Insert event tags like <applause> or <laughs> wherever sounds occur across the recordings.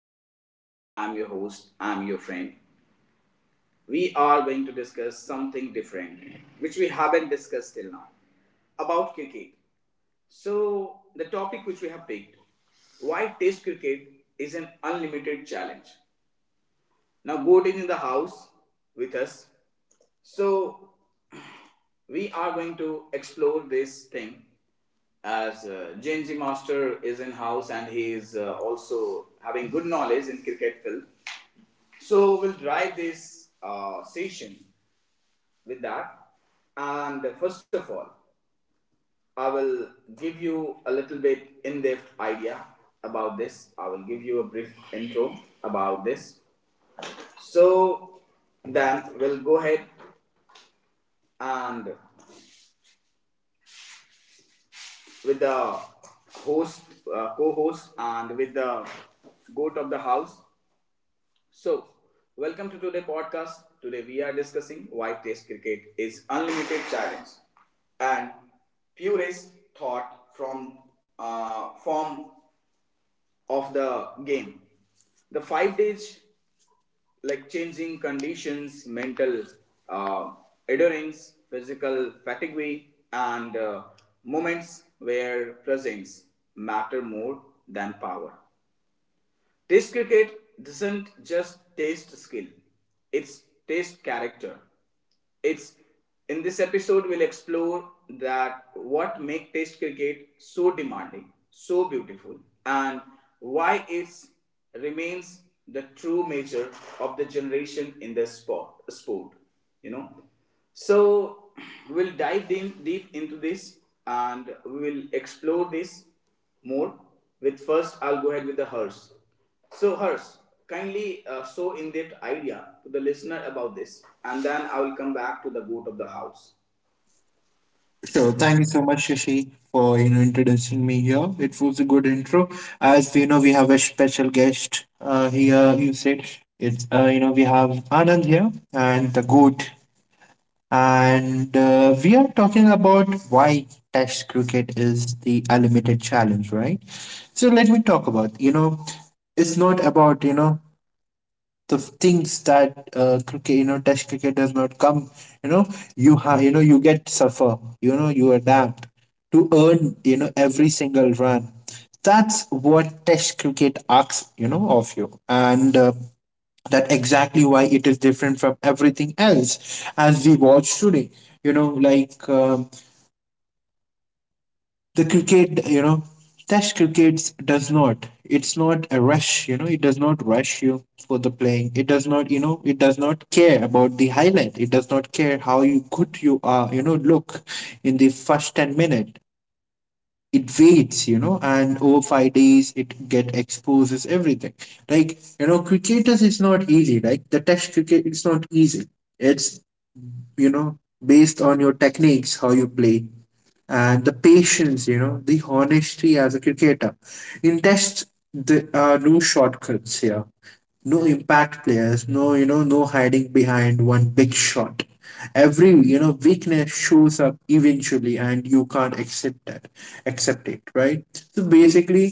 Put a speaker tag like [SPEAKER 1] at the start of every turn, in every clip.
[SPEAKER 1] I'm your love. I'm your host. I'm your friend. We are going to discuss something different, which we haven't discussed till now, about cricket. So the topic which we have picked, why Test cricket is an unlimited challenge. Now, Goat is in the house with us. So we are going to explore this thing as Genji Master is in house and he is also having good knowledge in cricket field. So we'll drive this session with that. And first of all, I will give you a little bit in depth idea about this. I will give you a brief intro about this. So then we'll go ahead and with the host, co host, and with the goat of the house. So welcome to today podcast. Today we are discussing why Test cricket is unlimited challenge and purest thought from form of the game. The 5 days like changing conditions, mental uh, endurance, physical fatigue, and moments where presence matter more than power. Test cricket doesn't just test skill, it's test character. It's in this episode we'll explore that what make test cricket so demanding, so beautiful, and why it remains the true measure of the generation in the sport. You know? So we'll dive deep into this and we will explore this more. With first I'll go ahead with the hearse. So Hers, kindly show in depth idea to the listener about this, and then I will come back to the goat of the house.
[SPEAKER 2] Sure. Thank you so much, Shashi, for introducing me here. It was a good intro. As you know, we have a special guest here. You said it's we have Anand here and the goat, and we are talking about why Test cricket is the unlimited challenge, right? So let me talk about it's not about the things that cricket, you know, Test cricket does not come. You know, you have, you know, you get suffer. You know, you adapt to earn, you know, every single run. That's what Test cricket asks, you know, of you, and that exactly why it is different from everything else as we watch today. You know, like. um the cricket, you know, test cricket does not, it's not a rush, you know. It does not rush you for the playing. It does not, you know, it does not care about the highlight. It does not care how you good you are, you know. Look in the first 10 minutes, it waits, you know, and over 5 days it get exposes everything. Like, you know, cricketers is not easy, like the test cricket, it's not easy. It's, you know, based on your techniques, how you play, and the patience, you know, the honesty as a cricketer. In tests, there are no shortcuts here, no impact players, no, you know, no hiding behind one big shot. Every, you know, weakness shows up eventually and you can't accept that, accept it, right? So basically,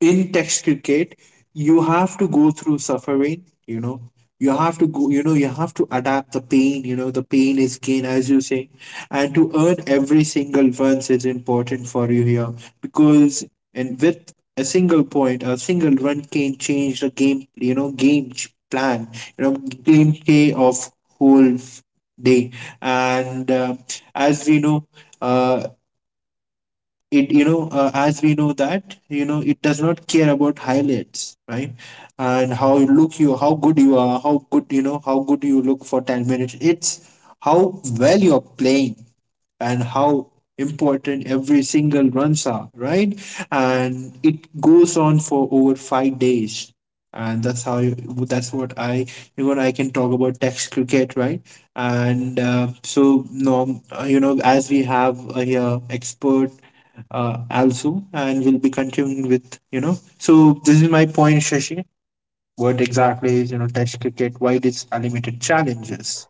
[SPEAKER 2] in text cricket, you have to go through suffering, you know. You have to go, you know, you have to adapt the pain, you know, the pain is gain, as you say. And to earn every single runs is important for you here because, and with a single point, a single run can change the game, plan, you know, game play of whole f- day. And as we know, uh, it you know as we know that, you know, it does not care about highlights, right? And how you look, you, how good you are, how good, you know, how good you look for 10 minutes, it's how well you're playing, and how important every single runs are, right? And it goes on for over 5 days, and that's how you, that's what I, even I can talk about text cricket, right? And so no you know as we have here expert also, and we'll be continuing with, you know. So this is my point, Shashi. What exactly is, you know, Test cricket? Why it is unlimited challenges?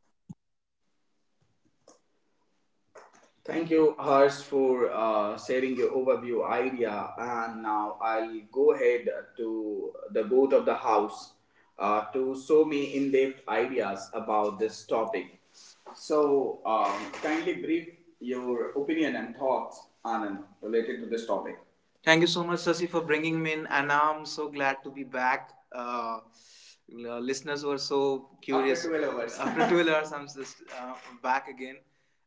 [SPEAKER 1] Thank you, Hers, for sharing your overview idea. And now I'll go ahead to the goat of the house to show me in depth ideas about this topic. So kindly brief your opinion and thoughts, Anand, related to this topic. Thank you so much, Sasi, for bringing me in. And now I'm so glad to be back. Listeners were so curious. After 12 hours. <laughs> After 12 hours, I'm just back again.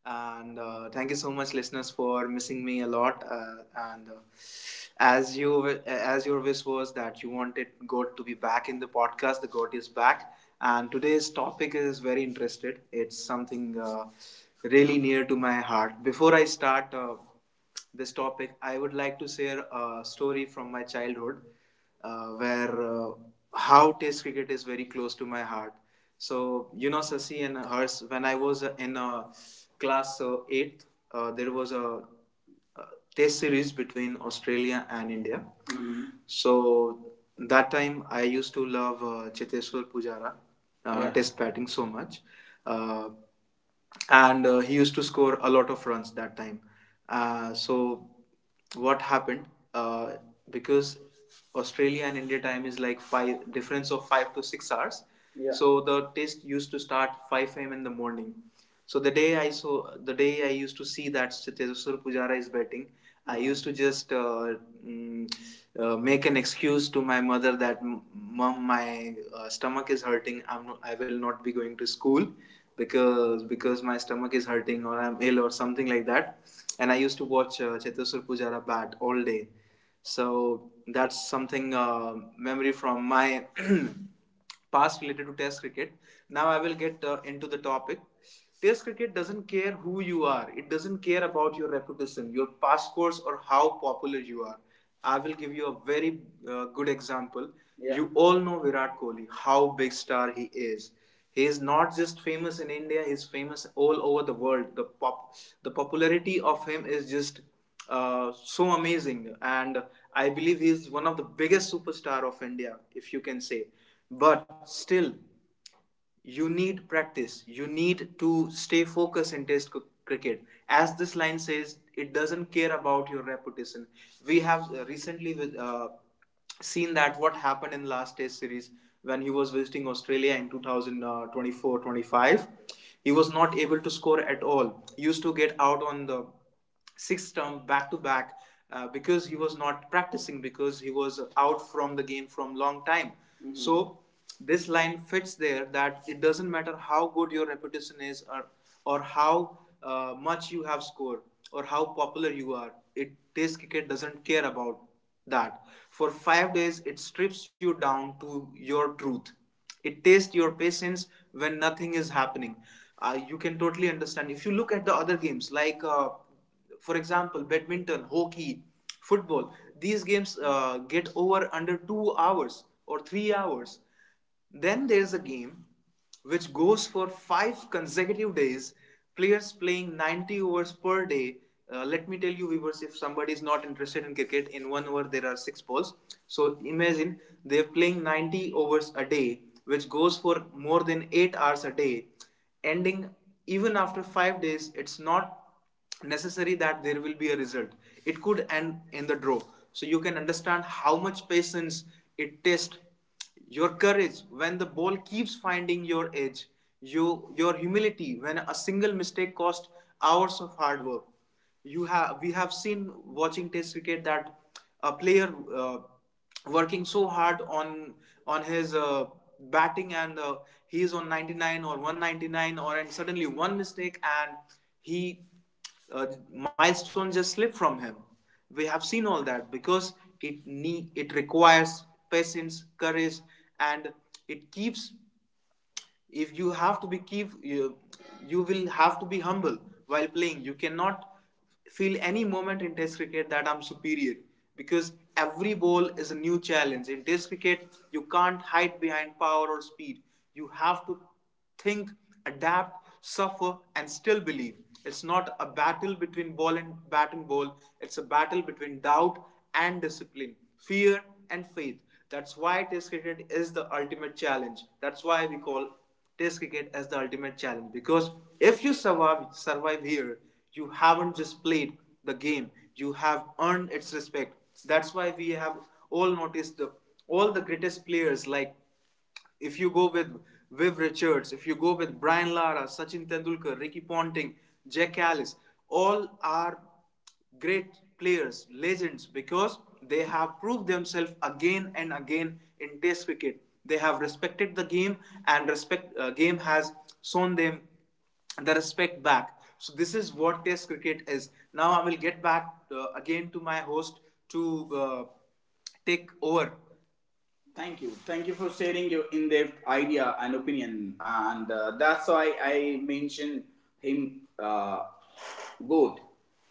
[SPEAKER 1] And thank you so much, listeners, for missing me a lot. And As as your wish was that you wanted God to be back in the podcast, the God is back. And today's topic is very interested. It's something really near to my heart. Before I start. This topic, I would like to share a story from my childhood where how Test cricket is very close to my heart. So you know, Sasi and hers, when I was in class 8th, there was a uh, test series between Australia and India. Mm-hmm. So that time I used to love Cheteshwar Pujara Yeah. Test batting so much. Uh, and he used to score a lot of runs that time. So what happened? Uh, because Australia and India time is like five difference of 5 to 6 hours. Yeah. So the test used to start 5 a.m. in the morning. So the day I used to see that Cheteshwar Pujara is batting, I used to just mm, make an excuse to my mother that Mom, my stomach is hurting. I will not be going to school because my stomach is hurting or I'm ill or something like that." And I used to watch Cheteshwar Pujara bat all day. So that's something memory from my <clears throat> past related to test cricket. Now I will get into the topic. Test cricket doesn't care who you are. It doesn't care about your reputation, your past scores, or how popular you are. I will give you a very good example. Yeah. You all know Virat Kohli, how big star he is. He is not just famous in India, he is famous all over the world. The popularity of him is just so amazing. And I believe he's one of the biggest superstar of India, if you can say. But still, you need practice, you need to stay focused in test cricket. As this line says, it doesn't care about your reputation. We have recently seen that what happened in last test series, when he was visiting Australia in 2024 twenty five. He was not able to score at all. He used to get out on the six term back to back, because he was not practicing, because he was out from the game from long time. Mm-hmm. So this line fits there, that it doesn't matter how good your reputation is, or how much you have scored or how popular you are. It test cricket doesn't care about that. For 5 days it strips you down to your truth. It tests your patience when nothing is happening. You can totally understand if you look at the other games like for example, badminton, hockey, football. These games get over under 2 hours or 3 hours. Then there's a game which goes for five consecutive days. Players playing 90 overs per day. Let me tell you, viewers, if somebody is not interested in cricket, in one over there are six balls. So imagine they're playing 90 overs a day, which goes for more than 8 hours a day, ending even after 5 days. It's not necessary that there will be a result. It could end in the draw. So you can understand how much patience it tests, your courage when the ball keeps finding your edge, your humility when a single mistake cost hours of hard work. You have We have seen watching test cricket that a player working so hard on his batting, and he is on 99 or 199 or and suddenly one mistake and he uh, milestone just slipped from him. We have seen all that because it requires patience, courage. And it keeps, if you have to be keep you, you will have to be humble while playing. You cannot feel any moment in test cricket that I'm superior, because every ball is a new challenge. In test cricket you can't hide behind power or speed. You have to think, adapt, suffer, and still believe. It's not a battle between ball and bat and ball, it's a battle between doubt and discipline, fear and faith. That's why Test cricket is the ultimate challenge. That's why we call Test cricket as the ultimate challenge, because if you survive here, you haven't just played the game. You have earned its respect. That's why we have all noticed the all the greatest players like, if you go with Viv Richards, if you go with Brian Lara, Sachin Tendulkar, Ricky Ponting, Jack Alice, all are great players, legends, because they have proved themselves again and again in Test cricket. They have respected the game, and respect game has shown them the respect back. So this is what Test cricket is. Now I will get back again to my host to take over. Thank you. Thank you for sharing your in depth idea and opinion. And that's why I mentioned him good,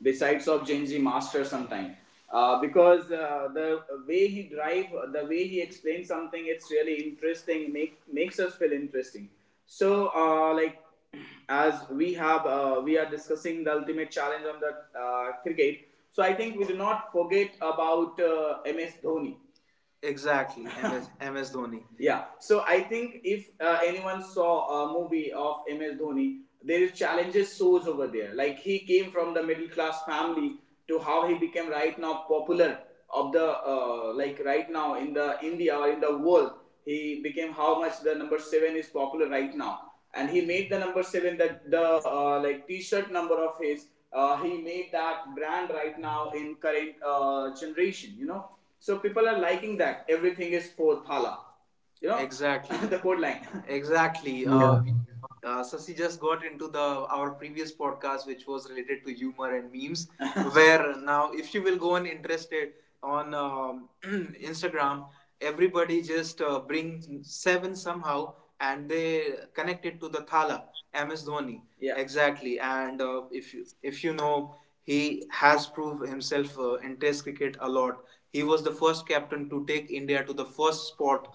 [SPEAKER 1] besides of Genji Master sometime. Because the way he drive, the way he explains something, it's really interesting. Makes us feel interesting. So like as we have, we are discussing the ultimate challenge on the cricket. So I think we do not forget about MS Dhoni. Exactly, MS, <laughs> Dhoni. Yeah. So I think if anyone saw a movie of MS Dhoni, there is challenges shows over there. Like he came from the middle class family to how he became right now popular of the like right now in the India or in the world. He became how much the number seven is popular right now, and he made the number seven that the like T-shirt number of his. He made that brand right now in current generation. You know, so people are liking that everything is for thala. You know. Exactly. <laughs> The code line. <laughs> Exactly.
[SPEAKER 2] Yeah.
[SPEAKER 1] Sasi just got into the our previous podcast, which was related to humor and memes. <laughs> Where now, if you will go on interested on <clears throat> Instagram, everybody just bring seven somehow, and they connect it to the thala. MS Dhoni. Yeah. Exactly. And if you know, he has proved himself in Test cricket a lot. He was the first captain to take India to the first spot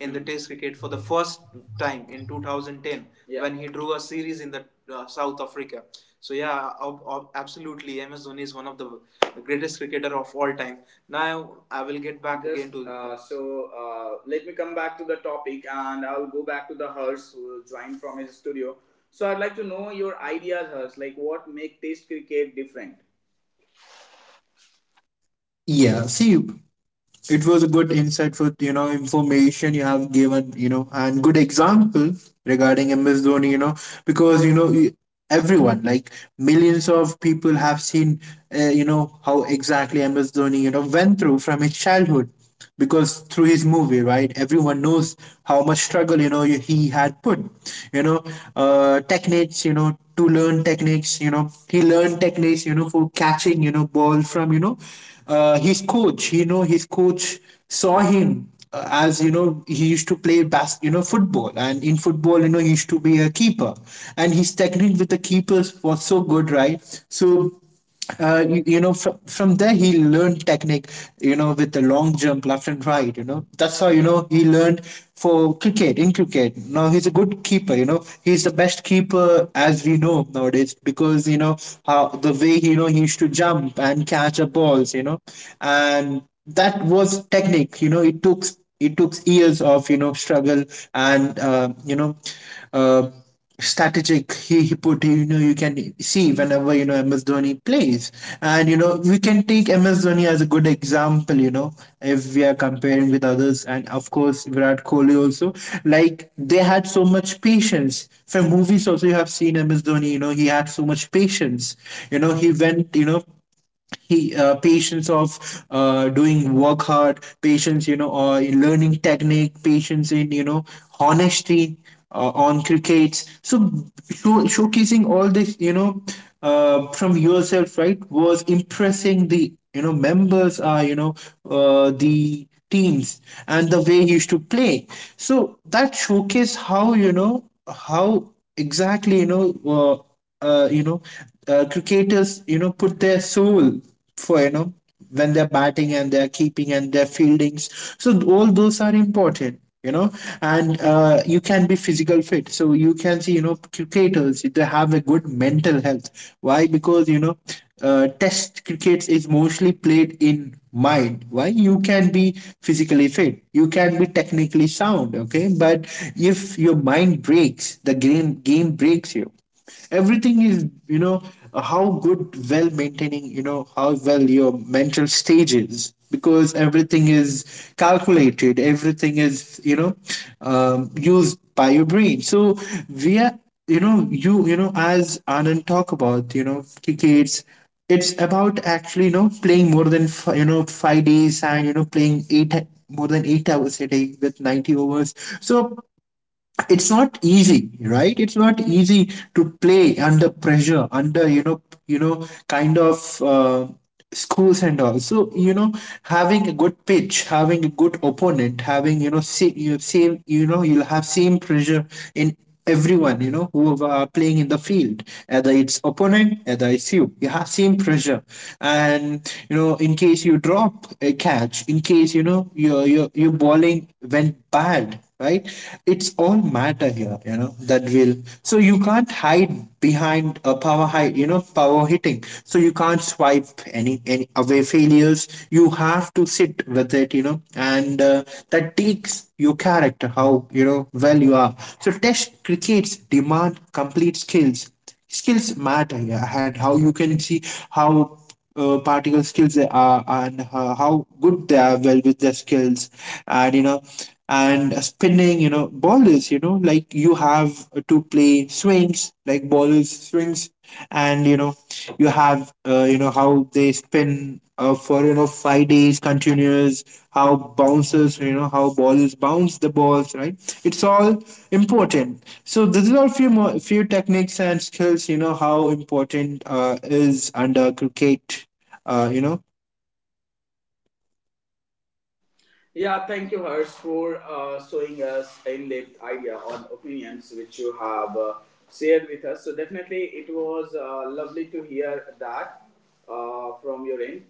[SPEAKER 1] in the Test cricket for the first time in 2010. Yeah. When he drew a series in the South Africa. So yeah, absolutely, MS Dhoni is one of the greatest cricketer of all time. Now I will get back. Just, again, to, let me come back to the topic, and I'll go back to the Hers who joined from his studio. So I'd like to know your ideas, Harsh. Like, what make Test cricket different?
[SPEAKER 2] Yeah, see, it was a good insight for, you know, information you have given, you know, and good example regarding MS Dhoni, you know, because, you know, everyone, like, millions of people have seen you know how exactly ms dhoni, you know, went through from his childhood because through his movie, right, everyone knows how much struggle, you know, he had put, you know, techniques, you know, to learn techniques, you know, he learned techniques, you know, for catching, you know, ball from, you know, his coach, you know, his coach saw him, as you know, he used to play you know football, and in football, you know, he used to be a keeper, and his technique with the keepers was so good, right? So you, from there he learned technique, you know, with the long jump left and right, you know, that's how, you know, he learned for cricket. In cricket now he's a good keeper, you know, he's the best keeper as we know nowadays because, you know, how the way, you know, he used to jump and catch the balls, you know, and that was technique, you know, it took, it took years of, you know, struggle, and you know uh, strategic he put, you know, you can see whenever, you know, ms dhoni plays, and, you know, we can take ms dhoni as a good example, you know, if we are comparing with others, and of course virat kohli also, like, they had so much patience. From movies also you have seen ms dhoni, you know, he had so much patience, you know, he went, you know, he patience of doing work hard, patience, you know, or in learning technique, patience in, you know, honesty on crickets. So showcasing all this, you know, from yourself, right, was impressing the, you know, members are, you know, the teams, and the way he used to play. So that showcase how, you know, how exactly, you know, uh, you know, cricketers, you know, put their soul for, you know, when they're batting and they're keeping and their fieldings. So all those are important, you know, and you can be physical fit. So you can see, you know, cricketers, they have a good mental health. Why? Because, you know, test cricket is mostly played in mind. Why? You can be physically fit, you can be technically sound, okay, but if your mind breaks, the game breaks you. Everything is, you know, how good, well maintaining, you know, how well your mental stage is, because everything is calculated, everything is, you know, used by your brain. So we are, you know, you know, as anand talk about, you know, crickets, it's about actually, you know, playing more than you know 5 days, and you know, playing eight, more than 8 hours a day with 90 overs. So it's not easy, right? It's not easy to play under pressure, under, you know, you know, kind of schools and all. So, you know, having a good pitch, having a good opponent, having, you know, you same, you know, you'll have same pressure in everyone, you know, who are playing in the field. Either it's opponent, either it's you, you have same pressure. And, you know, in case you drop a catch, in case, you know, your your bowling went bad, right? It's all matter here, you know, that will. So you can't hide behind a power hide, you know, power hitting. So you can't swipe any away failures. You have to sit with it, you know, and that takes your character, how, you know, well you are. So test crickets demand complete skills. Skills matter here. And how you can see, how particle skills they are, and how good they are well with their skills, and, you know, and spinning, you know, ballers, you know, like you have to play swings like ballers swings, and, you know, you have you know how they spin for, you know, 5 days continuous, how bounces, you know, how balls bounce the balls, right? It's all important. So these are few more, few techniques and skills, you know, how important is under cricket, uh, you know
[SPEAKER 1] Yeah, thank you, Harsh, for showing us in-depth idea on opinions which you have shared with us. So definitely, it was lovely to hear that from your end.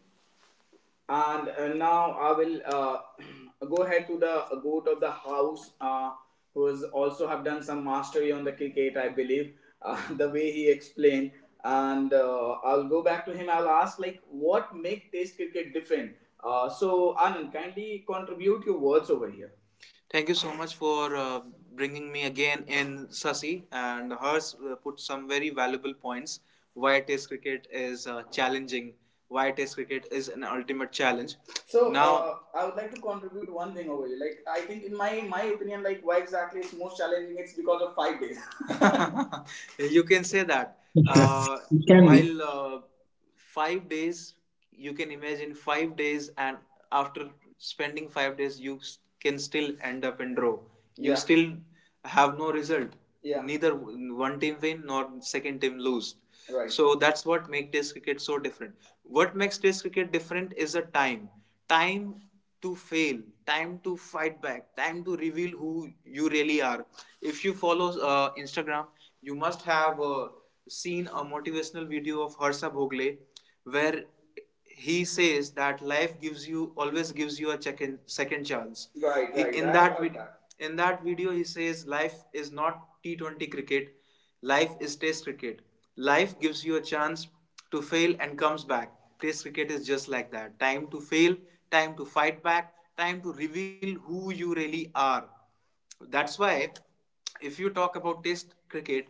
[SPEAKER 1] And now I will <clears throat> go ahead to the goat of the house, who has also have done some mastery on the cricket, I believe, <laughs> the way he explained. And I'll go back to him. I'll ask, like, what make Test cricket different? So Anand, kindly contribute your words over here. Thank you so much for bringing me again in Sasi, and hers put some very valuable points why test cricket is challenging, why test cricket is an ultimate challenge. So now I would like to contribute one thing over here. Like, I think in my opinion, like, why exactly it's most challenging? It's because of 5 days. <laughs> You can say that. Uh,
[SPEAKER 2] it can be.
[SPEAKER 1] while 5 days, you can imagine 5 days, and after spending 5 days, you can still end up in draw. You, yeah, still have no result. Yeah, neither one team win nor second team lose. Right. So that's what makes test cricket so different. What makes test cricket different is the time. Time to fail, time to fight back, time to reveal who you really are. If you follow Instagram, you must have seen a motivational video of Harsha Bhogle, where he says that life gives you always gives you a second chance. Right, right, in that, I got. In that video, he says life is not T20 cricket. Life is test cricket. Life gives you a chance to fail and comes back. Test cricket is just like that. Time to fail, time to fight back, time to reveal who you really are. That's why, if you talk about test cricket,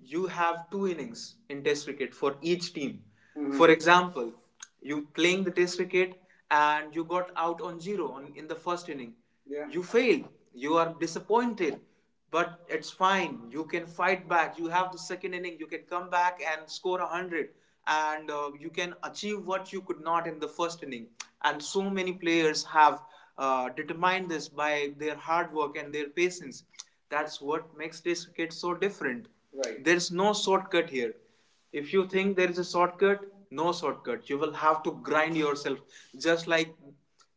[SPEAKER 1] you have two innings in test cricket for each team. Mm-hmm. For example, you playing the test cricket, and you got out on zero, in the first inning. Yeah. You fail. You are disappointed. But it's fine. You can fight back. You have the second inning. You can come back and score 100, and you can achieve what you could not in the first inning. And so many players have determined this by their hard work and their patience. That's what makes this cricket so different. Right. There's no shortcut here. If you think there is a shortcut, no shortcut. You will have to grind yourself, just like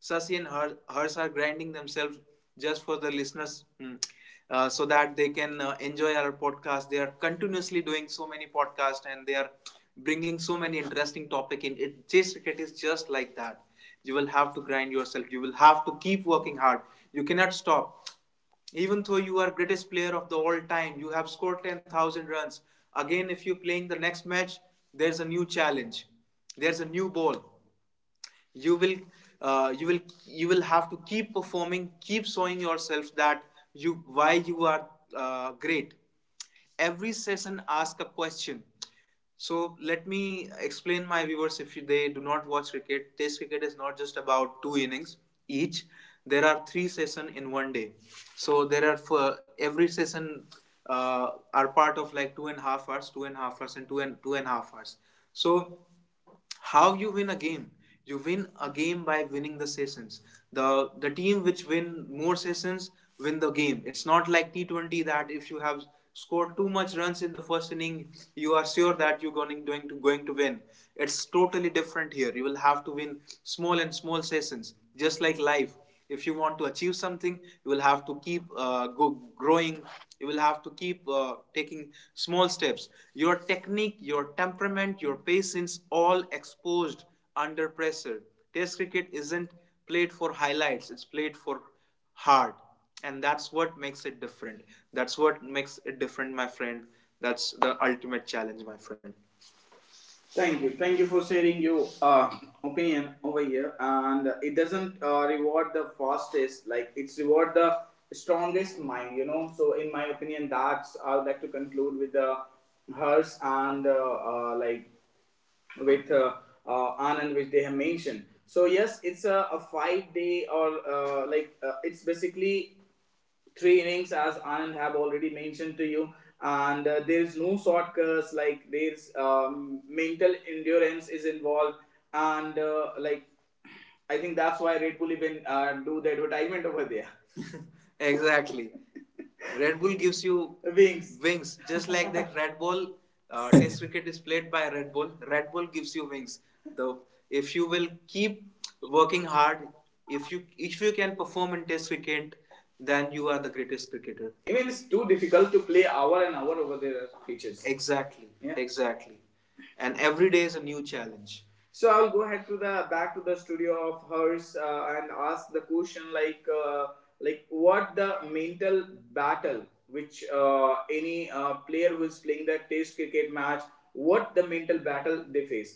[SPEAKER 1] Sasi and Hers are grinding themselves just for the listeners, hmm, so that they can enjoy our podcast. They are continuously doing so many podcasts, and they are bringing so many interesting topic in. It chase cricket is just like that. You will have to grind yourself. You will have to keep working hard. You cannot stop. Even though you are greatest player of the all time, you have scored 10,000 runs. Again, if you're playing the next match, there's a new challenge. There's a new ball. You will uh, you will have to keep performing, keep showing yourself that you why you are great. Every session ask a question. So let me explain, my viewers, if they do not watch cricket, test cricket is not just about two innings each. There are three session in one day. So there are, for every session, uh, are part of like 2.5 hours, 2.5 hours, and two and two and a half hours. So how you win a game? You win a game by winning the sessions. The the team which win more sessions win the game. It's not like T20 that if you have scored too much runs in the first inning, you are sure that you're going to win. It's totally different here. You will have to win small and small sessions, just like life. If you want to achieve something, you will have to keep growing. You will have to keep taking small steps. Your technique, your temperament, your patience, all exposed under pressure. Test cricket isn't played for highlights, it's played for hard. And that's what makes it different. That's what makes it different, my friend. That's the ultimate challenge, my friend. Thank you. Thank you for sharing your opinion over here. And it doesn't reward the fastest, like, it's reward the strongest mind. So in my opinion, that's, I would like to conclude with the hers and like, with Anand, which they have mentioned. So yes, it's a 5 day or like it's basically three innings, as Anand have already mentioned to you. And there is no short curse, like, there's mental endurance is involved, and like, I think that's why Red Bull even do the advertisement over there. <laughs> Exactly. Red Bull gives you Wings, wings, just like that. <laughs> Red Bull Test cricket is played by Red Bull. Red Bull gives you wings. The If you will keep working hard, if you can perform in Test cricket, then you are the greatest cricketer. Even it's too difficult to play hour and hour over their teachers. Exactly. Yeah. Exactly. And every day is a new challenge. So I'll go ahead to the back to the studio of hers and ask the question, like, like, what the mental battle which any player who is playing the test cricket match, what the mental battle they face.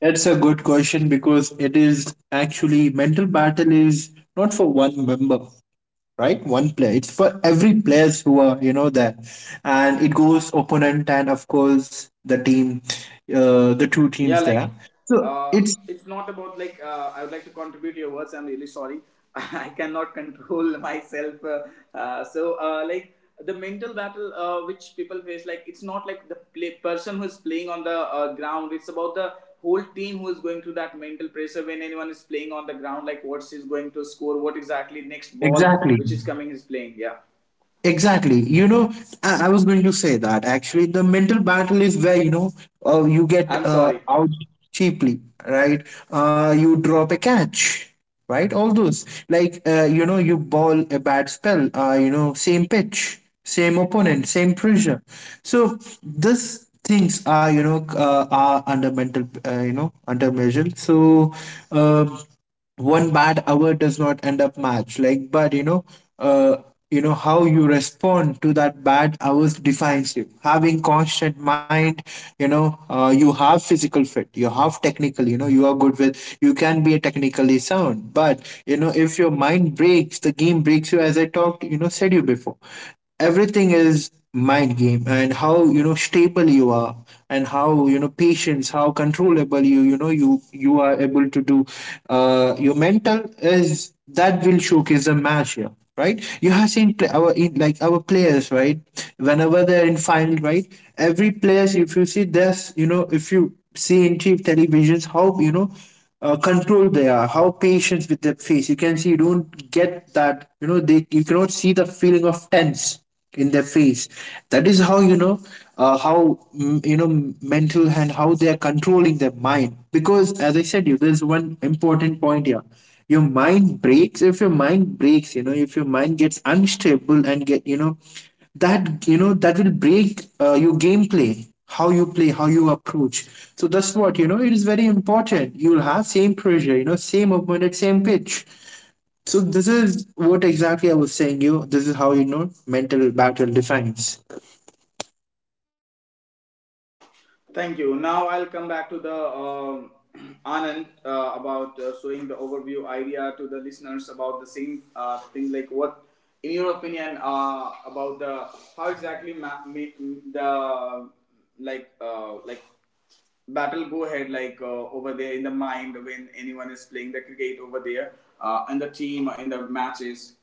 [SPEAKER 2] That's a good question, because it is actually mental battle is not for one member, right? One player. It's for every players who are, you know, there, and it goes opponent, and of course the team, the two teams
[SPEAKER 1] Yeah, like,
[SPEAKER 2] there. So
[SPEAKER 1] uh,
[SPEAKER 2] it's,
[SPEAKER 1] it's not about, like, I would like to contribute your words. I'm really sorry. <laughs> I cannot control <laughs> myself. Like, the mental battle which people face, like, it's not like the person who is playing on the ground. It's about the whole team who is going through that mental pressure when anyone is playing on the ground. Like, what she's going to score, what exactly next ball
[SPEAKER 2] exactly.
[SPEAKER 1] which is coming is playing. Yeah,
[SPEAKER 2] Exactly. You know, I was going to say that actually the mental battle is where, you know, you get
[SPEAKER 1] I'm sorry.
[SPEAKER 2] out cheaply, right? You drop a catch, right? All those. Like, you know, you ball a bad spell, you know, same pitch, same opponent, same pressure. So this things are, you know, are under mental, you know, under measure. So, uh, one bad hour does not end up match, like, but uh you know how you respond to that bad hours defines you having constant mind, you know. You have physical fit, you have technical, you know, you are good with, you can be technically sound, but, you know, if your mind breaks, the game breaks you, as I talked, you know, said you before. Everything is mind game, and how, you know, stable you are, and how, you know, patience, how controllable you, you know, you are able to do your mental is, that will showcase a match here, right? You have seen pla our in, like our players, right? Whenever they're in final, right? Every players, if you see this, you know, if you see in cheap televisions, how, you know, controlled they are, how patient with their face. You can see, you don't get that, they you cannot see the feeling of tense in their face. That is how how, mental, and how they are controlling their mind, because as I said you, there's one important point here. Your mind breaks. If your mind breaks, if your mind gets unstable and get, that, that will break your gameplay, how you play, how you approach. So that's what it is, very important. You'll have same pressure, same opponent, same pitch. So this is what exactly I was saying you. This is how mental battle defines.
[SPEAKER 1] Thank you. Now I'll come back to the um <clears throat> Anand about showing the overview idea to the listeners about the same thing. Like, what, in your opinion, about the how exactly the, like, battle go ahead, like, over there in the mind when anyone is playing the cricket over there in the team in the matches.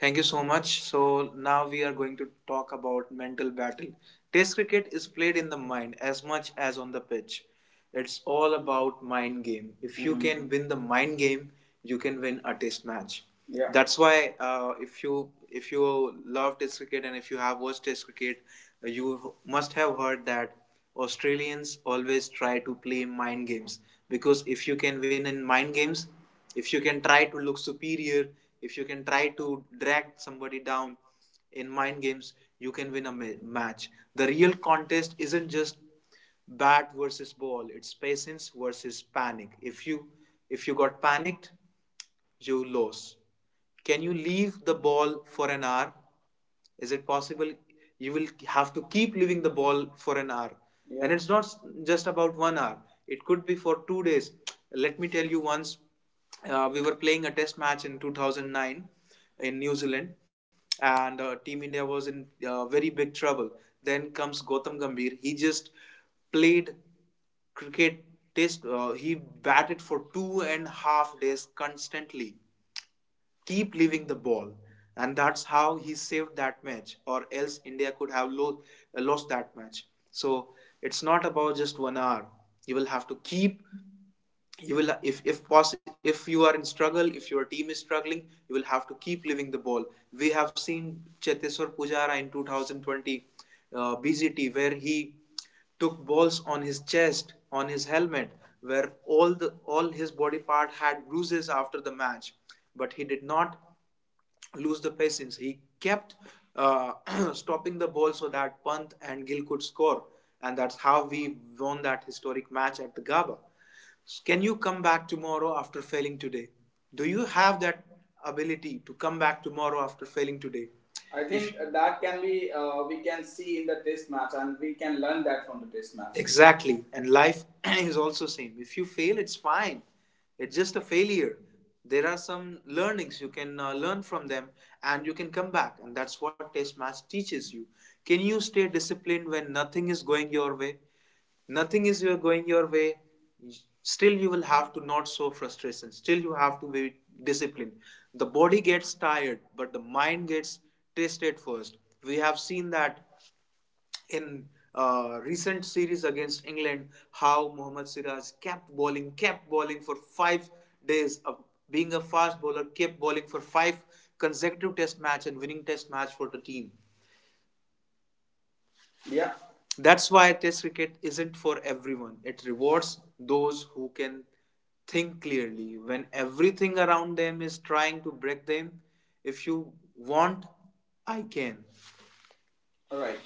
[SPEAKER 1] Thank you so much. So now we are going to talk about mental battle. Test cricket is played in the mind as much as on the pitch. It's all about mind game. If you, mm-hmm, can win the mind game, you can win a test match. Yeah. That's why if you love test cricket and if you have watched test cricket, you must have heard that Australians always try to play mind games, because if you can win in mind games, if you can try to look superior, if you can try to drag somebody down in mind games, you can win a match. The real contest isn't just bat versus ball, it's patience versus panic. If you got panicked, you lose. Can you leave the ball for an hour? Is it possible? You will have to keep leaving the ball for an hour. Yeah. And it's not just about one hour, it could be for 2 days. Let me tell you, once we were playing a test match in 2009 in New Zealand, and Team India was in very big trouble. Then comes Gautam Gambhir. He just played cricket test, he batted for 2.5 days constantly, keep leaving the ball, and that's how he saved that match, or else India could have lost that match. So it's not about just one hour. You will have to keep, you will, if if you are in struggle, if your team is struggling, you will have to keep living the ball. We have seen Cheteshwar Pujara in 2020, BGT, where he took balls on his chest, on his helmet, where all the all his body part had bruises after the match. But he did not lose the patience. He kept uh, <clears throat> stopping the ball so that Pant and Gill could score, and that's how we won that historic match at the Gaba. Can you come back tomorrow after failing today? Do you have that ability to come back tomorrow after failing today? I think if, that can be we can see in the test match, and we can learn that from the test match. Exactly. And life <clears throat> is also same. If you fail, it's fine. It's just a failure. There are some learnings you can learn from them, and you can come back, and that's what test match teaches you. Can you stay disciplined when nothing is going your way? Nothing is you are going your way, still you will have to not show frustration, still you have to be disciplined. The body gets tired but the mind gets tested first. We have seen that in recent series against England, how Mohammad Siraj kept bowling for 5 days. Of being a fast bowler, kept bowling for 5 consecutive test match and winning test match for the team. Yeah. That's why Test cricket isn't for everyone. It rewards those who can think clearly when everything around them is trying to break them. If you want, I can. All right.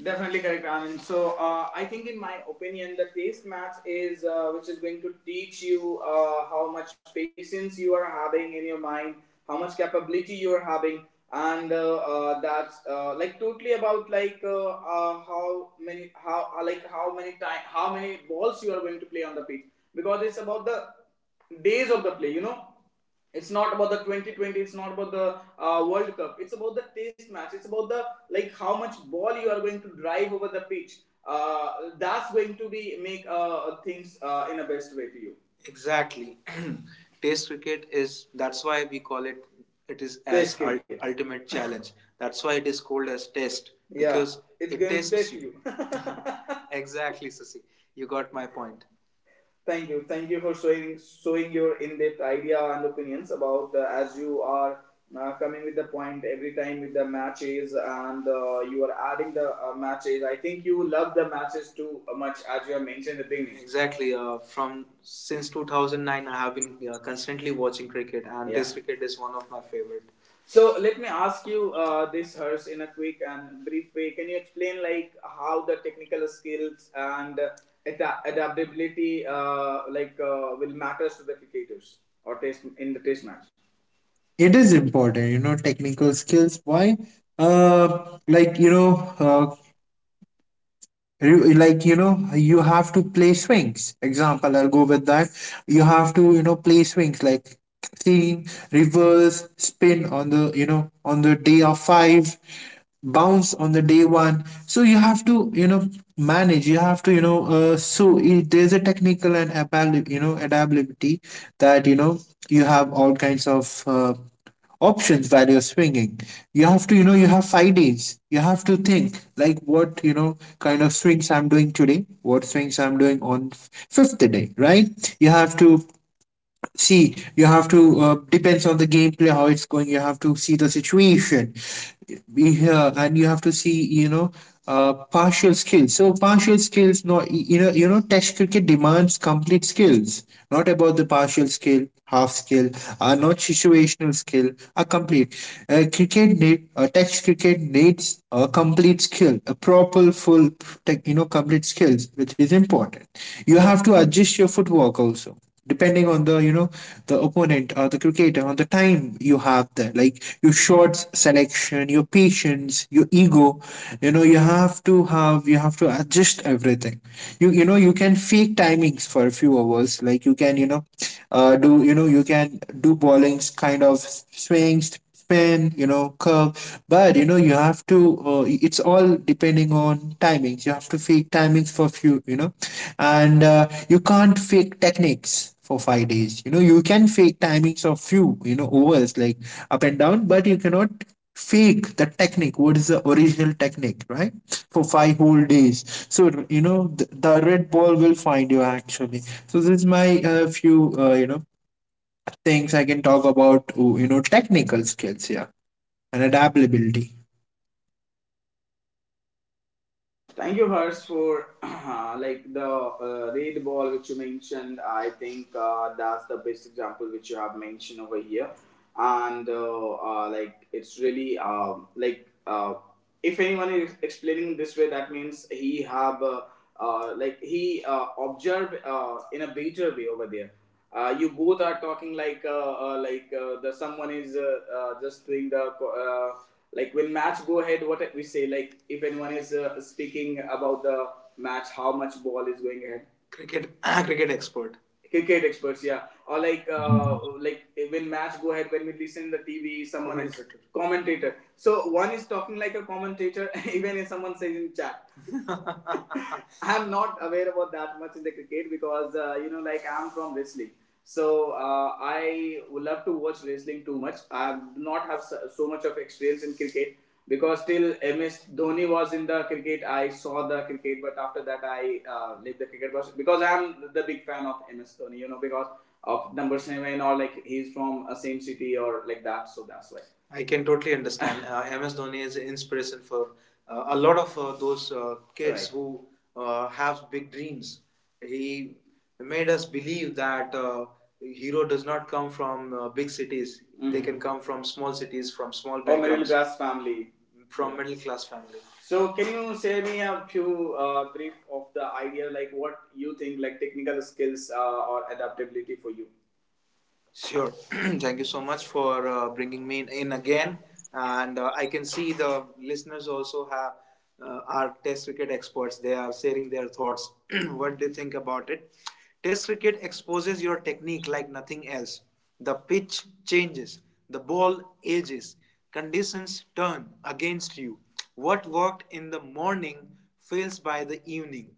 [SPEAKER 1] Definitely correct, Anand. So, I think, in my opinion, the taste maths is which is going to teach you how much patience you are having in your mind, how much capability you are having, and that's like totally about like how many time how many balls you are going to play on the pitch, because it's about the days of the play. You know, it's not about the 2020, it's not about the world cup, it's about the test match, it's about the like how much ball you are going to drive over the pitch. uh, that's going to be make things in a best way to you. Exactly. <clears throat> Test cricket is that's why we call it, it is as ultimate challenge. <laughs> That's why it is called as test. Yeah, because yeah, it's it going to test you. <laughs> <laughs> Exactly, Sasi. You got my point. Thank you. Thank you for showing your in-depth idea and opinions about, as you are coming with the point every time with the matches, and you are adding the matches. I think you love the matches too much as you have mentioned in the beginning. Exactly. From since 2009, I have been constantly watching cricket, and yeah, this cricket is one of my favorite. So let me ask you this, Hers, in a quick and brief way. Can you explain like how the technical skills and adaptability will matters to the cricketers or test in the test match?
[SPEAKER 2] It is important, technical skills. Why? Uh, like you know, uh, You- like you know you have to play swings. Example, I'll go with that. You have to play swings, like clean reverse spin on the, on the day of five, bounce on the day one. So you have to, manage. You have to, so it, there's a technical and adaptability, that, you have all kinds of options while you're swinging. You have to, you have 5 days, you have to think like what kind of swings I'm doing today, what swings I'm doing on fifth day, right? You have to see, you have to, depends on the gameplay how it's going. You have to see the situation. Yeah, and you have to see, partial skills. So partial skills, not, test cricket demands complete skills. Not about the partial skill, half skill, not situational skill, a complete, cricket need, test cricket needs a complete skill, a proper full tech, complete skills, which is important. You have to adjust your footwork also, depending on the, opponent or the cricketer on the time you have there, like your shots selection, your patience, your ego. You know you have to have, you have to adjust everything. You can fake timings for a few hours, like you can, do, you can do bowlings, kind of swings, spin, curve. But you have to. It's all depending on timings. You have to fake timings for few, and you can't fake techniques for 5 days. You know, you can fake timings of few, overs, like up and down, but you cannot fake the technique, what is the original technique, right, for 5 whole days. So, the red ball will find you, actually. So this is my few things I can talk about. Oh, technical skills, yeah, and adaptability.
[SPEAKER 1] Thank you, Hers, for <clears throat> like the red ball which you mentioned. I think that's the best example which you have mentioned over here, and like it's really if anyone is explaining this way, that means he have like he observed in a better way over there. You both are talking like the someone is just doing the like when match go ahead, what we say, like if anyone is speaking about the match, how much ball is going ahead, cricket, <clears throat> cricket expert cricket experts, yeah, or like when match go ahead, when we listen the tv someone is commentator. Commentator, so one is talking like a commentator. <laughs> Even if someone says in chat, <laughs> I'm not aware about that much in the cricket because you know, like I'm from wrestling. So I would love to watch wrestling too much. I do not have so, so much of experience in cricket because till MS Dhoni was in the cricket, I saw the cricket, but after that I left the cricket because I'm the big fan of MS Dhoni. You know, because of number seven, or like he's from a same city or like that. So that's why. I can totally understand. <laughs> MS Dhoni is an inspiration for a lot of those kids, right, who have big dreams. He made us believe that hero does not come from big cities. Mm-hmm. They, mhm, can come from small cities, from small backgrounds. Or middle backgrounds, class family. From yeah, middle class family. So can you share me a few brief of the idea like what you think like technical skills or adaptability for you? Sure. <clears throat> Thank you so much for bringing me in again. And I can see the listeners also have are test cricket experts. They are sharing their thoughts, <clears throat> what they think about it. Test cricket exposes your technique like nothing else. The pitch changes, the ball ages, conditions turn against you. What worked in the morning fails by the evening.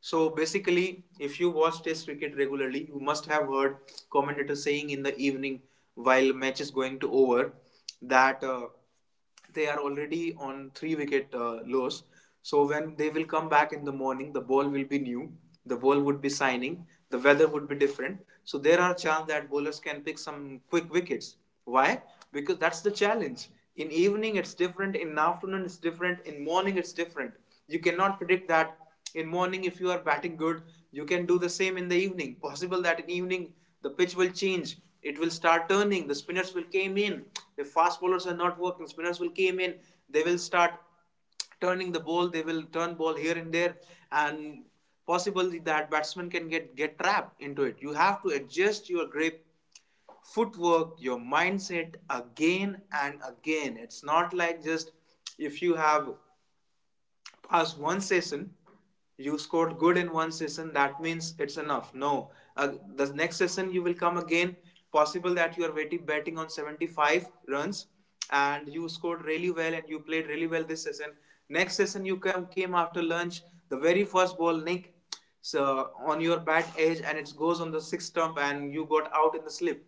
[SPEAKER 1] So basically, if you watch Test cricket regularly, you must have heard commentators saying in the evening while match is going to over that they are already on three wicket loss. So when they will come back in the morning, the ball will be new, the ball would be shining, the weather would be different. So there are chance that bowlers can pick some quick wickets. Why? Because that's the challenge. In evening it's different, in afternoon it's different, in morning it's different. You cannot predict that. In morning if you are batting good, you can do the same in the evening. Possible that in evening the pitch will change, it will start turning, the spinners will came in, the fast bowlers are not working, spinners will came in, they will start turning the ball, they will turn ball here and there, and possible that batsman can get trapped into it. You have to adjust your grip, footwork, your mindset again and again. It's not like just if you have pass one session, you scored good in one session, that means it's enough. No, the next session you will come again. Possible that you are waiting, betting on 75 runs, and you scored really well and you played really well this session. Next session you come came after lunch, the very first ball nick so on your bat edge and it goes on the sixth stump and you got out in the slip.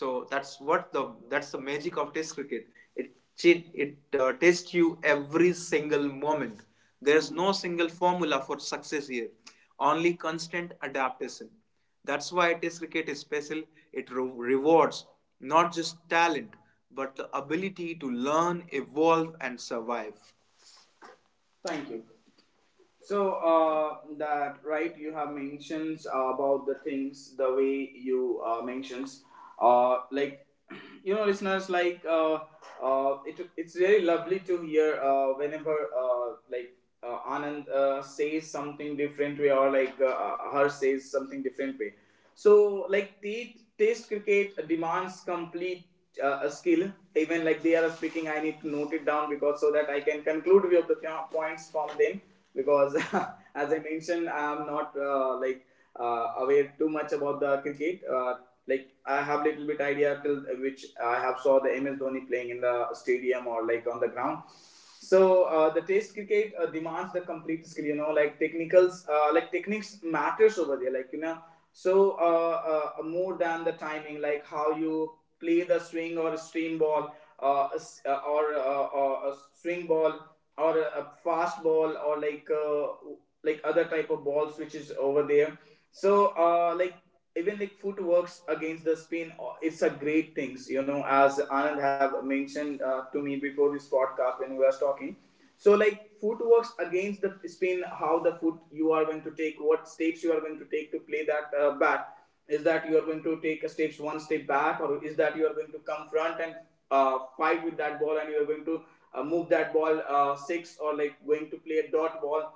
[SPEAKER 1] So that's the magic of test cricket. It it tests you every single moment. There's no single formula for success here, only constant adaptation. That's why Test cricket is special. It rewards not just talent, but the ability to learn, evolve, and survive. Thank you. So that right, you have mentions about the things, the way you mentions like <clears throat> you know listeners like it's really lovely to hear whenever Anand says something different way, or like her says something different way. So, like the test cricket demands complete a skill. Even like they are speaking, I need to note it down because so that I can conclude few of the points from them. Because <laughs> as I mentioned, I am not aware too much about the cricket. Like I have little bit idea till which I have saw the MS Dhoni playing in the stadium or like on the ground. So the test cricket demands the complete skill. You know, like technicals, like techniques matters over there. Like you know, so more than the timing, like how you play the swing or stream ball, uh, or a swing ball, or a fast ball, or like other type of balls which is over there. So like even like footworks against the spin, it's a great things. You know, as Anand have mentioned to me before this podcast when we were talking. So like foot works against the spin, how the foot you are going to take, what steps you are going to take to play that bat. Is that you are going to take a steps one step back, or is that you are going to come front and fight with that ball, and you are going to move that ball six, or like going to play a dot ball,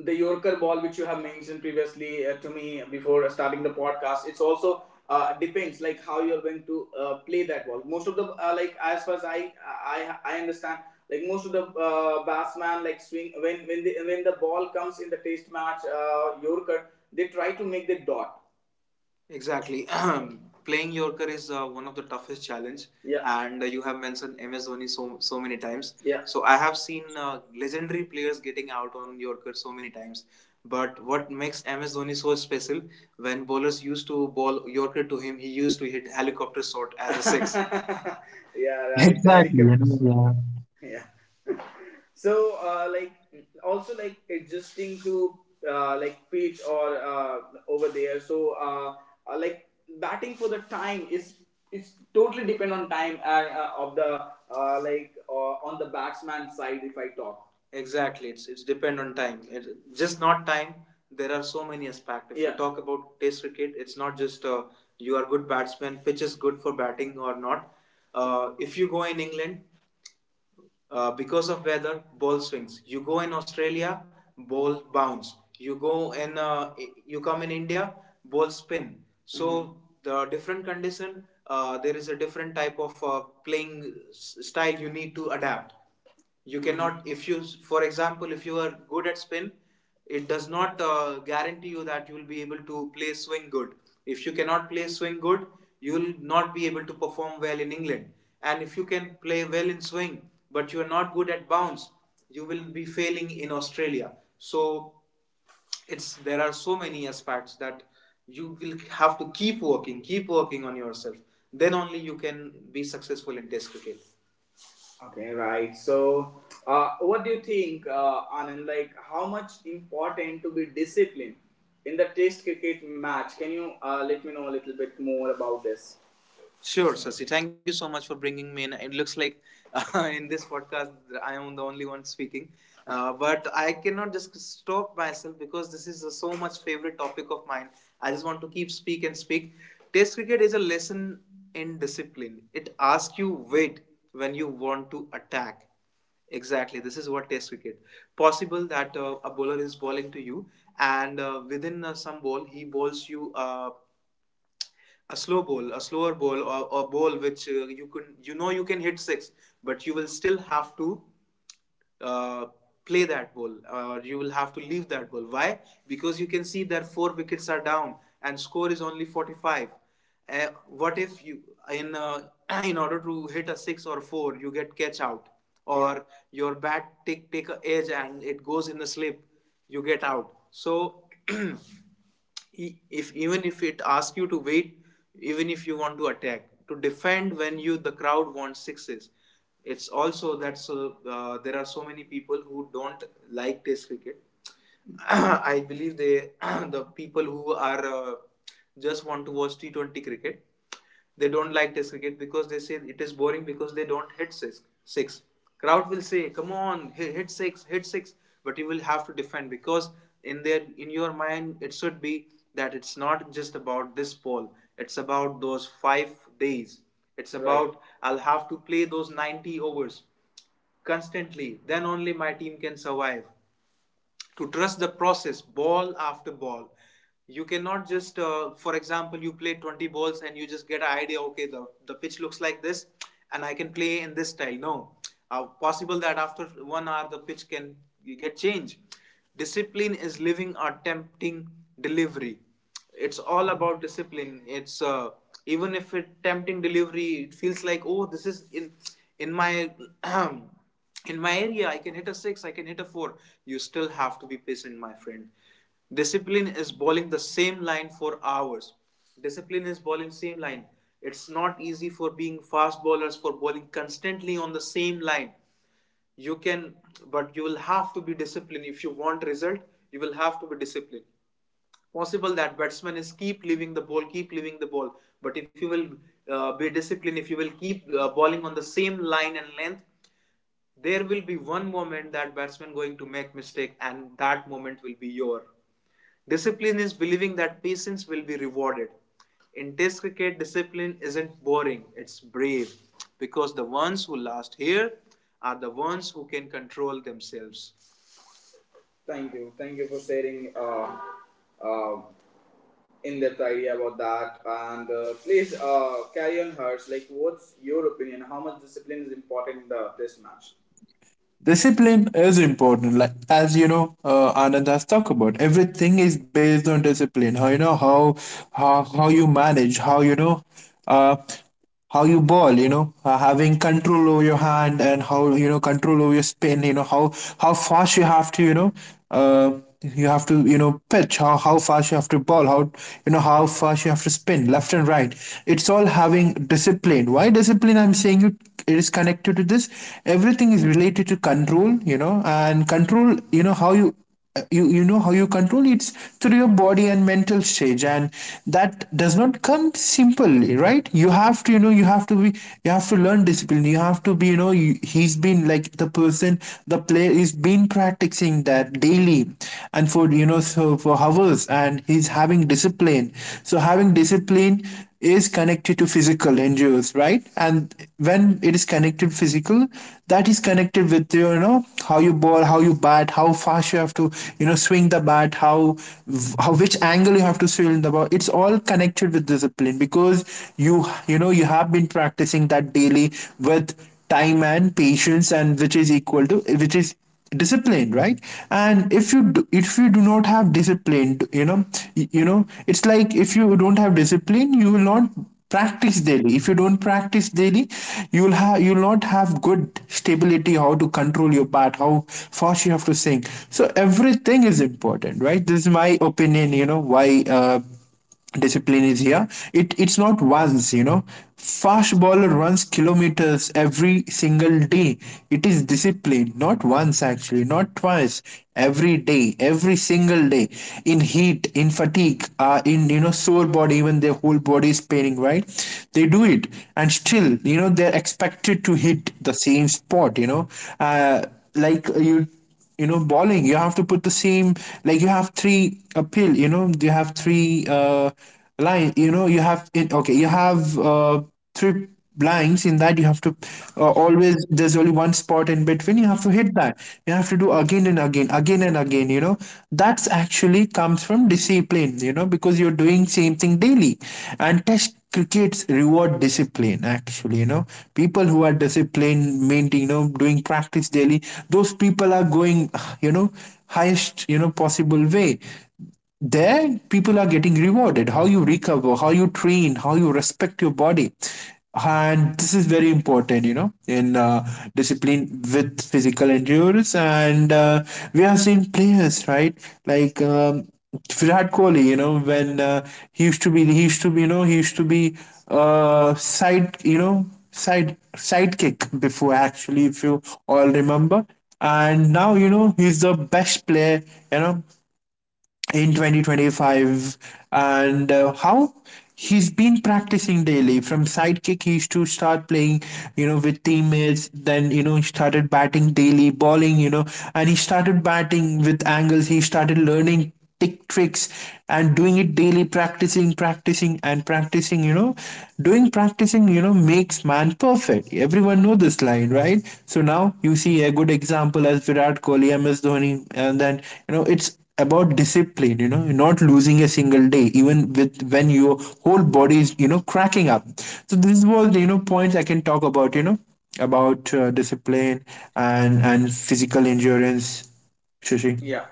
[SPEAKER 1] the Yorker ball, which you have mentioned previously to me before starting the podcast, it's also depends like how you're going to play that ball. Most of the like as far as I understand, like most of the batsman like swing when when the ball comes in the Test match Yorker, they try to make the dot. Exactly. <clears throat> Playing Yorker is one of the toughest challenge. Yeah. And you have mentioned MS Dhoni so many times. Yeah. So I have seen legendary players getting out on Yorker so many times. But what makes MS Dhoni so special? When bowlers used to bowl Yorker to him, he used to hit helicopter shot as a six. <laughs> <laughs> Yeah, right. The
[SPEAKER 2] Exactly.
[SPEAKER 1] helicopter shot,
[SPEAKER 2] Yeah.
[SPEAKER 1] yeah. <laughs> So also like adjusting to like pitch or over there, so uh, like batting for the time is, it's totally depend on time of the, on the batsman side if I talk. Exactly, it's depend on time. It, just not time. There are so many aspects. If you, yeah, talk about Test cricket, it's not just you are good batsman, pitch is good for batting or not. If you go in England, because of weather, ball swings. You go in Australia, ball bounce. You go in, you come in India, ball spin. So, mm-hmm, the different condition, there is a different type of playing style you need to adapt. You cannot, if you, for example, if you are good at spin, it does not guarantee you that you will be able to play swing good. If you cannot play swing good, you will not be able to perform well in England. And if you can play well in swing but you are not good at bounce, you will be failing in Australia. So it's, there are so many aspects that you will have to keep working on yourself. Then only you can be successful in Test cricket. Okay, right. So, what do you think, Anand? Like, how much important to be disciplined in the Test cricket match? Can you let me know a little bit more about this? Sure, Sasi. Thank you so much for bringing me in. It looks like <laughs> in this podcast I am the only one speaking, but I cannot just stop myself because this is a so much favorite topic of mine. I just want to keep speak and speak. Test cricket is a lesson in discipline. It asks you wait when you want to attack. Exactly, this is what Test cricket. Possible that a bowler is bowling to you, and within some ball he bowls you a slow ball, a slower ball, or a ball which you can, you know, you can hit six, but you will still have to uh, play that ball, or you will have to leave that ball. Why? Because you can see that four wickets are down and score is only 45. What if you in <clears throat> in order to hit a six or four, you get catch out, or your bat take a edge and it goes in the slip, you get out. So <clears throat> if even if it asks you to wait, even if you want to attack, to defend when you, the crowd wants sixes, it's also that. So there are so many people who don't like Test cricket. <clears throat> I believe they, <clears throat> the people who are just want to watch T20 cricket, they don't like Test cricket because they say it is boring because they don't hit six. Crowd will say, "Come on, hit six, hit six." But you will have to defend because in their, in your mind it should be that it's not just about this ball. It's about those 5 days. It's, right, about right. I'll have to play those 90 overs constantly. Then only my team can survive, to trust the process ball after ball. You cannot just, for example, you play 20 balls and you just get an idea, okay, the pitch looks like this and I can play in this style. No, possible that after 1 hour the pitch can get changed. Discipline is living a tempting delivery. It's all about discipline. It's even if it tempting delivery, it feels like, oh, this is in my <clears throat> in my area I can hit a 6, I can hit a 4. You still have to be patient, my friend. Discipline is bowling the same line for hours. Discipline is bowling same line. It's not easy for being fast bowlers for bowling constantly on the same line. You can, but you will have to be disciplined. If you want result, you will have to be disciplined. Possible that batsman is keep leaving the ball, keep leaving the ball. But if you will be disciplined, if you will keep bowling on the same line and length, there will be one moment that batsman going to make mistake, and that moment will be your. Discipline is believing that patience will be rewarded. In Test cricket, discipline isn't boring; it's brave, because the ones who last here are the ones who can control themselves. Thank you. Thank you for sharing uh, in-depth idea about that. And please carry on, Hurts. Like, what's your opinion? How much discipline is important in the test match?
[SPEAKER 2] Discipline is important, like, as you know, Anand has talked about. Everything is based on discipline. How how you manage, how, uh, how you ball. You know, having control over your hand, and how control over your spin. You know how fast you have to. You know, uh, you have to, pitch. How fast you have to ball. How, how fast you have to spin, left and right. It's all having discipline. Why discipline I'm saying you? It is connected to this, everything is related to control, and control, how you you you know how you control. It's through your body and mental stage, and that does not come simply, right? You have to, you have to be, you have to learn discipline. You have to be, he's been like the person, the player is been practicing that daily, and for, so for hours, and he's having discipline. So having discipline is connected to physical endures, right? And when it is connected physical, that is connected with, how you ball, how you bat, how fast you have to, swing the bat, how, which angle you have to swing the ball. It's all connected with discipline, because you know you have been practicing that daily with time and patience, and which is equal to, which is discipline, right? And if you do not have discipline, it's like, if you don't have discipline, you will not practice daily. If you don't practice daily, you will not have good stability, how to control your part, how fast you have to sing. So everything is important, right? This is my opinion, why discipline is here. It's not once, fast bowler runs kilometers every single day. It is discipline, not once actually, not twice, every day, every single day, in heat, in fatigue, in, sore body, even their whole body is paining, right? They do it, and still, they're expected to hit the same spot, uh, like you know bowling, you have to put the same, like you have three appeal, you have three line, you have it. Okay, you have three blinds, in that you have to, always, there's only one spot in between, you have to hit that. You have to do again and again, again and again, that's actually comes from discipline, because you're doing same thing daily. And test crickets reward discipline, actually, people who are disciplined maintain, doing practice daily, those people are going, you know highest, possible way. There people are getting rewarded, how you recover, how you train, how you respect your body. And this is very important, in, discipline with physical endurance. And we have seen players, right? Like Virat Kohli, when he used to be he used to be he used to be side, sidekick before, actually, if you all remember. And now, he's the best player, you know in 2025. And how he's been practicing daily. From sidekick, he used to start playing, with teammates, then, he started batting daily, bowling, and he started batting with angles, he started learning tick tricks, and doing it daily, practicing, practicing, and practicing. Doing practicing, makes man perfect. Everyone know this line, right? So now you see a good example as Virat Kohli, MS Dhoni. And then, it's about discipline, not losing a single day, even with, when your whole body is, cracking up. So this was, points I can talk about, about discipline and physical endurance, Shashi.
[SPEAKER 1] Yeah.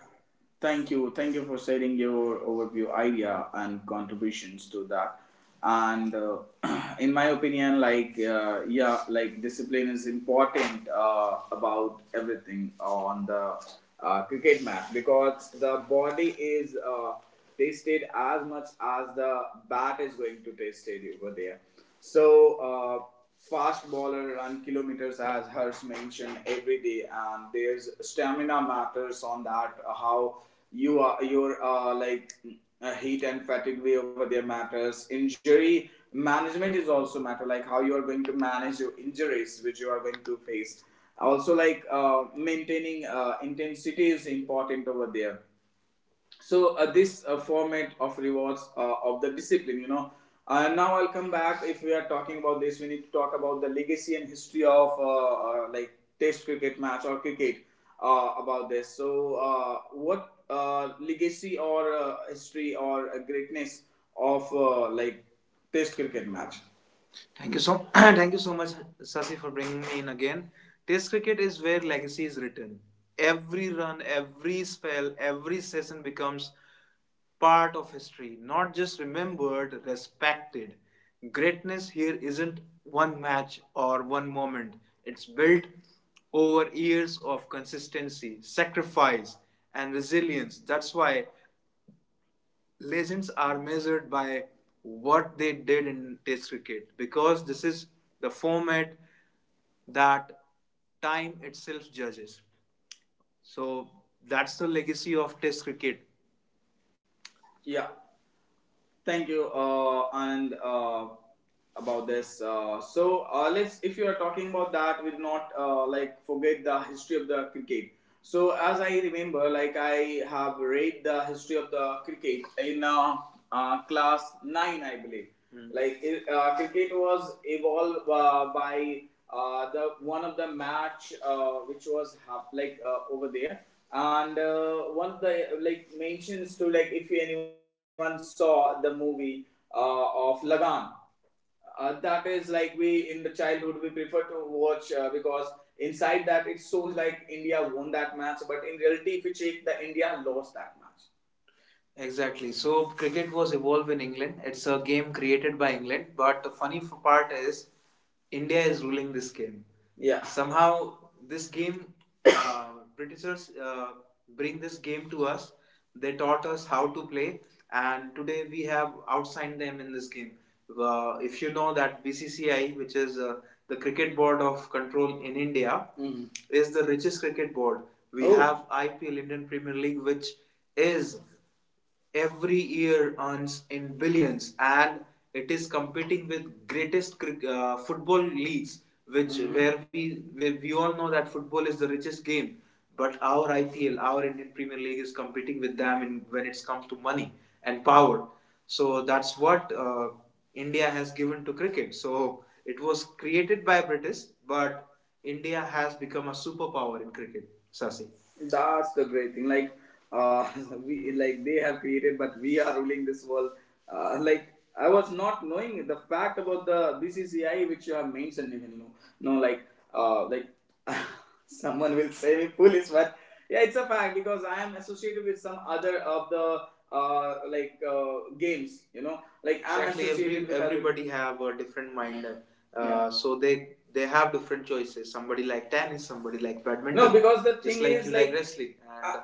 [SPEAKER 1] Thank you. Thank you for sharing your overview idea and contributions to that. And <clears throat> in my opinion, like, yeah, like discipline is important about everything on the cricket match because the body is tested as much as the bat is going to test it over there. So, uh, fast bowler run kilometers as Hurst mentioned every day, and there's stamina matters on that. How you are your heat and fatigue way over there matters. Injury management is also matter, like how you are going to manage your injuries which you are going to face. Also, like maintaining intensity is important over there. So this format of rewards of the discipline, you know, now I'll come back. If we are talking about this, we need to talk about the legacy and history of uh, like Test cricket match or cricket, about this. So what legacy or history or greatness of Test cricket match. Thank you so <clears throat> thank you so much, Sasi, for bringing me in again. Test cricket is where legacy is written. Every run, every spell, every session becomes part of history, not just remembered, respected. Greatness here isn't one match or one moment. It's built over years of consistency, sacrifice, and resilience. That's why legends are measured by what they did in Test cricket, because this is the format that time itself judges. So that's the legacy of Test cricket. Yeah. Thank you. And about this, let's, if you are talking about that, we'll not like forget the history of the cricket. So as I remember, like I have read the history of the cricket in class nine, I believe. Hmm. Like it, cricket was evolved by the one of the match which was like over there, and one of the, like, mentions to, like, if anyone saw the movie of Lagan, that is like we in the childhood we prefer to watch because inside that it shows like India won that match, but in reality if you check, the India lost that match. Exactly. So cricket was evolved in England. It's a game created by England, but the funny part is India is ruling this game. Yeah. Somehow this game, uh, <coughs> Britishers bring this game to us. They taught us how to play, and today we have outsigned them in this game. If you know that BCCI, which is the cricket board of control in India, mhm, is the richest cricket board. We, oh, have IPL, Indian Premier League, which is every year earns in billions, and it is competing with greatest football leagues, which, mhm, where we, where we all know that football is the richest game, but our IPL, our Indian Premier League, is competing with them in, when it comes to money and power. So that's what, India has given to cricket. So it was created by British, but India has become a superpower in cricket, Sasi. That's the great thing. Like, uh, <laughs> we like they have created, but we are ruling this world. Like, I was not knowing the fact about the BCCI which you have mentioned, even no, no like uh, like <laughs> someone will say me foolish, but yeah, it's a fact because I am associated with some other of the games. You know, like I'm, exactly, associated, every, with everybody have a different mind. Yeah. So they have different choices. Somebody like tennis. Somebody like badminton. No, because the just thing like is you like wrestling. And,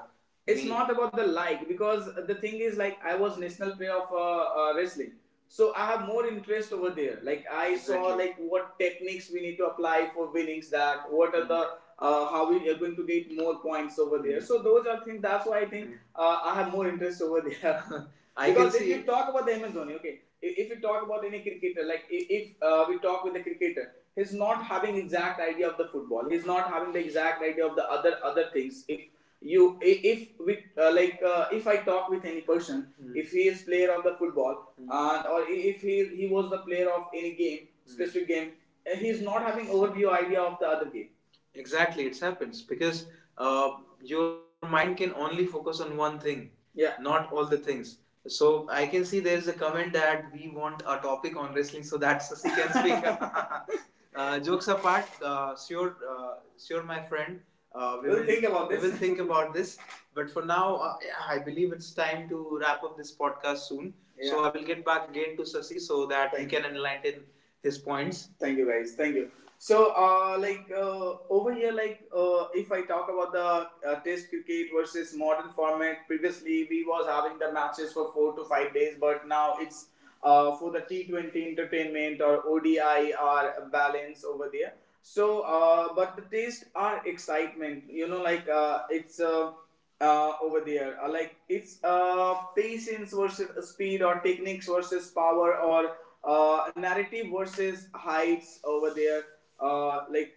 [SPEAKER 1] not about the like because the thing is like I was national player of wrestling. So I have more interest over there. Like I saw Exactly. like what techniques we need to apply for winnings, that what are the how we are going to get more points over there. So those are things. That's why I think I have more interest over there. <laughs> I can because if see. You talk about the MS Dhoni, okay, if you talk about any cricketer, like if we talk with the cricketer, he's not having exact idea of the football. He's not having the exact idea of the other things. You if we if I talk with any person, mm-hmm, if he is player of the football, mm-hmm, and or if he was the player of any game, specific mm-hmm, game, he's not having overview idea of the other game. Exactly, it happens because uh, your mind can only focus on one thing. Yeah. Not all the things. So I can see there is a comment that we want a topic on wrestling so that Sasi can speak. <laughs> Jokes apart, sure, sure, my friend. We We'll will think about this. We will think about this. But for now, yeah, I believe it's time to wrap up this podcast soon. Yeah. So yeah, I will get back again to Sasi so that Thank he can enlighten his points. Thank you, guys. Thank you. so uh, like uh, Over here, if I talk about the test cricket versus modern format, previously we was having the matches for 4 to 5 days, but now it's for the T20 entertainment or ODI are balance over there. So, but the taste are excitement. You know, like it's over there. Like it's patience versus speed, or techniques versus power, or narrative versus heights over there. Uh, like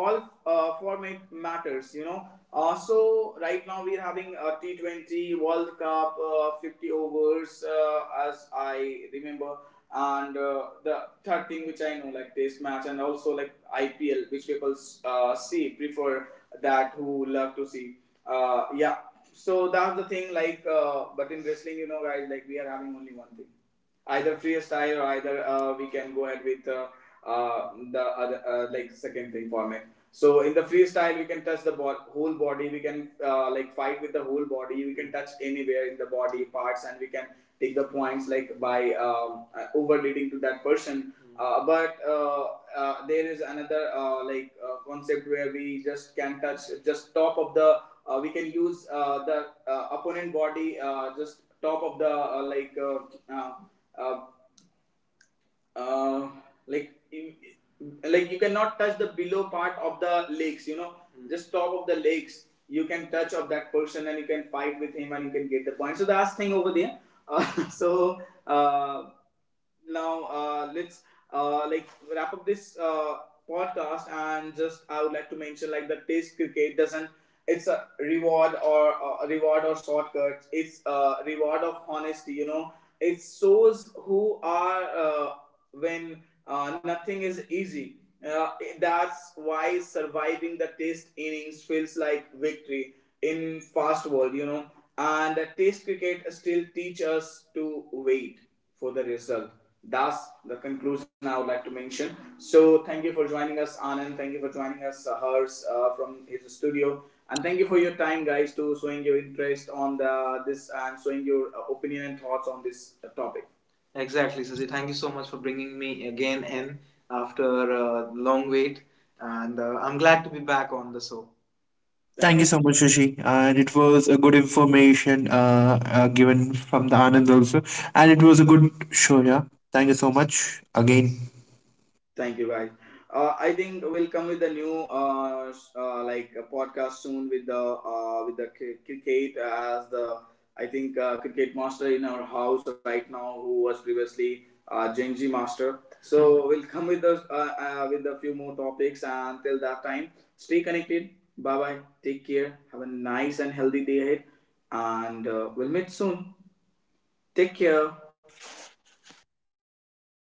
[SPEAKER 1] all format matters, you know. So right now we're having a T20 world cup, 50 overs, as I remember, and the third thing which I know, like test match, and also like IPL which people see prefer, that who love to see. Yeah. So that's the thing. But in wrestling, you know, guys, like we are having only one thing: either freestyle, or either we can go ahead with the other like second thing format. So in the freestyle, we can touch the whole body. We can like fight with the whole body. We can touch anywhere in the body parts, and we can take the points like by overleading to that person. Mm-hmm. But There is another concept where we just can touch just top of the. We can use the opponent body just top of the uh, uh, uh, like you, like you cannot touch the below part of the legs, you know. Mm. Just top of the legs you can touch, of that person, and you can fight with him and you can get the point. So that's thing over there. uh, <laughs> so uh, Now let's uh, like wrap up this podcast, and just I would like to mention, like, the test cricket doesn't, it's a reward, or reward or shortcut, it's a reward of honesty, you know. It shows who are when nothing is easy. Uh, that's why surviving the test innings feels like victory in fast world, you know. And the test cricket still teach us to wait for the result. That's the conclusion I would like to mention. So thank you for joining us, Anand. Thank you for joining us, Hers, from his studio. And thank you for your time, guys, to showing your interest on the this, and showing your opinion and thoughts on this topic. Exactly, Sasi. Thank you so much for bringing me again in after a long wait, and I'm glad to be back on the show. Thank
[SPEAKER 2] Thank
[SPEAKER 1] you.
[SPEAKER 2] you so much, Shashi, and it was a good information, given from the Anand also, and it was a good show. Yeah, thank you so much again.
[SPEAKER 1] Thank you, guys. I think we'll come with a new a podcast soon with the cricket as the, I think, cricket master in our house right now, who was previously Genji master. So <laughs> we'll come with the with a few more topics, and till that time, stay connected. Bye bye. Take care. Have a nice and healthy day ahead, and we'll meet soon. Take care.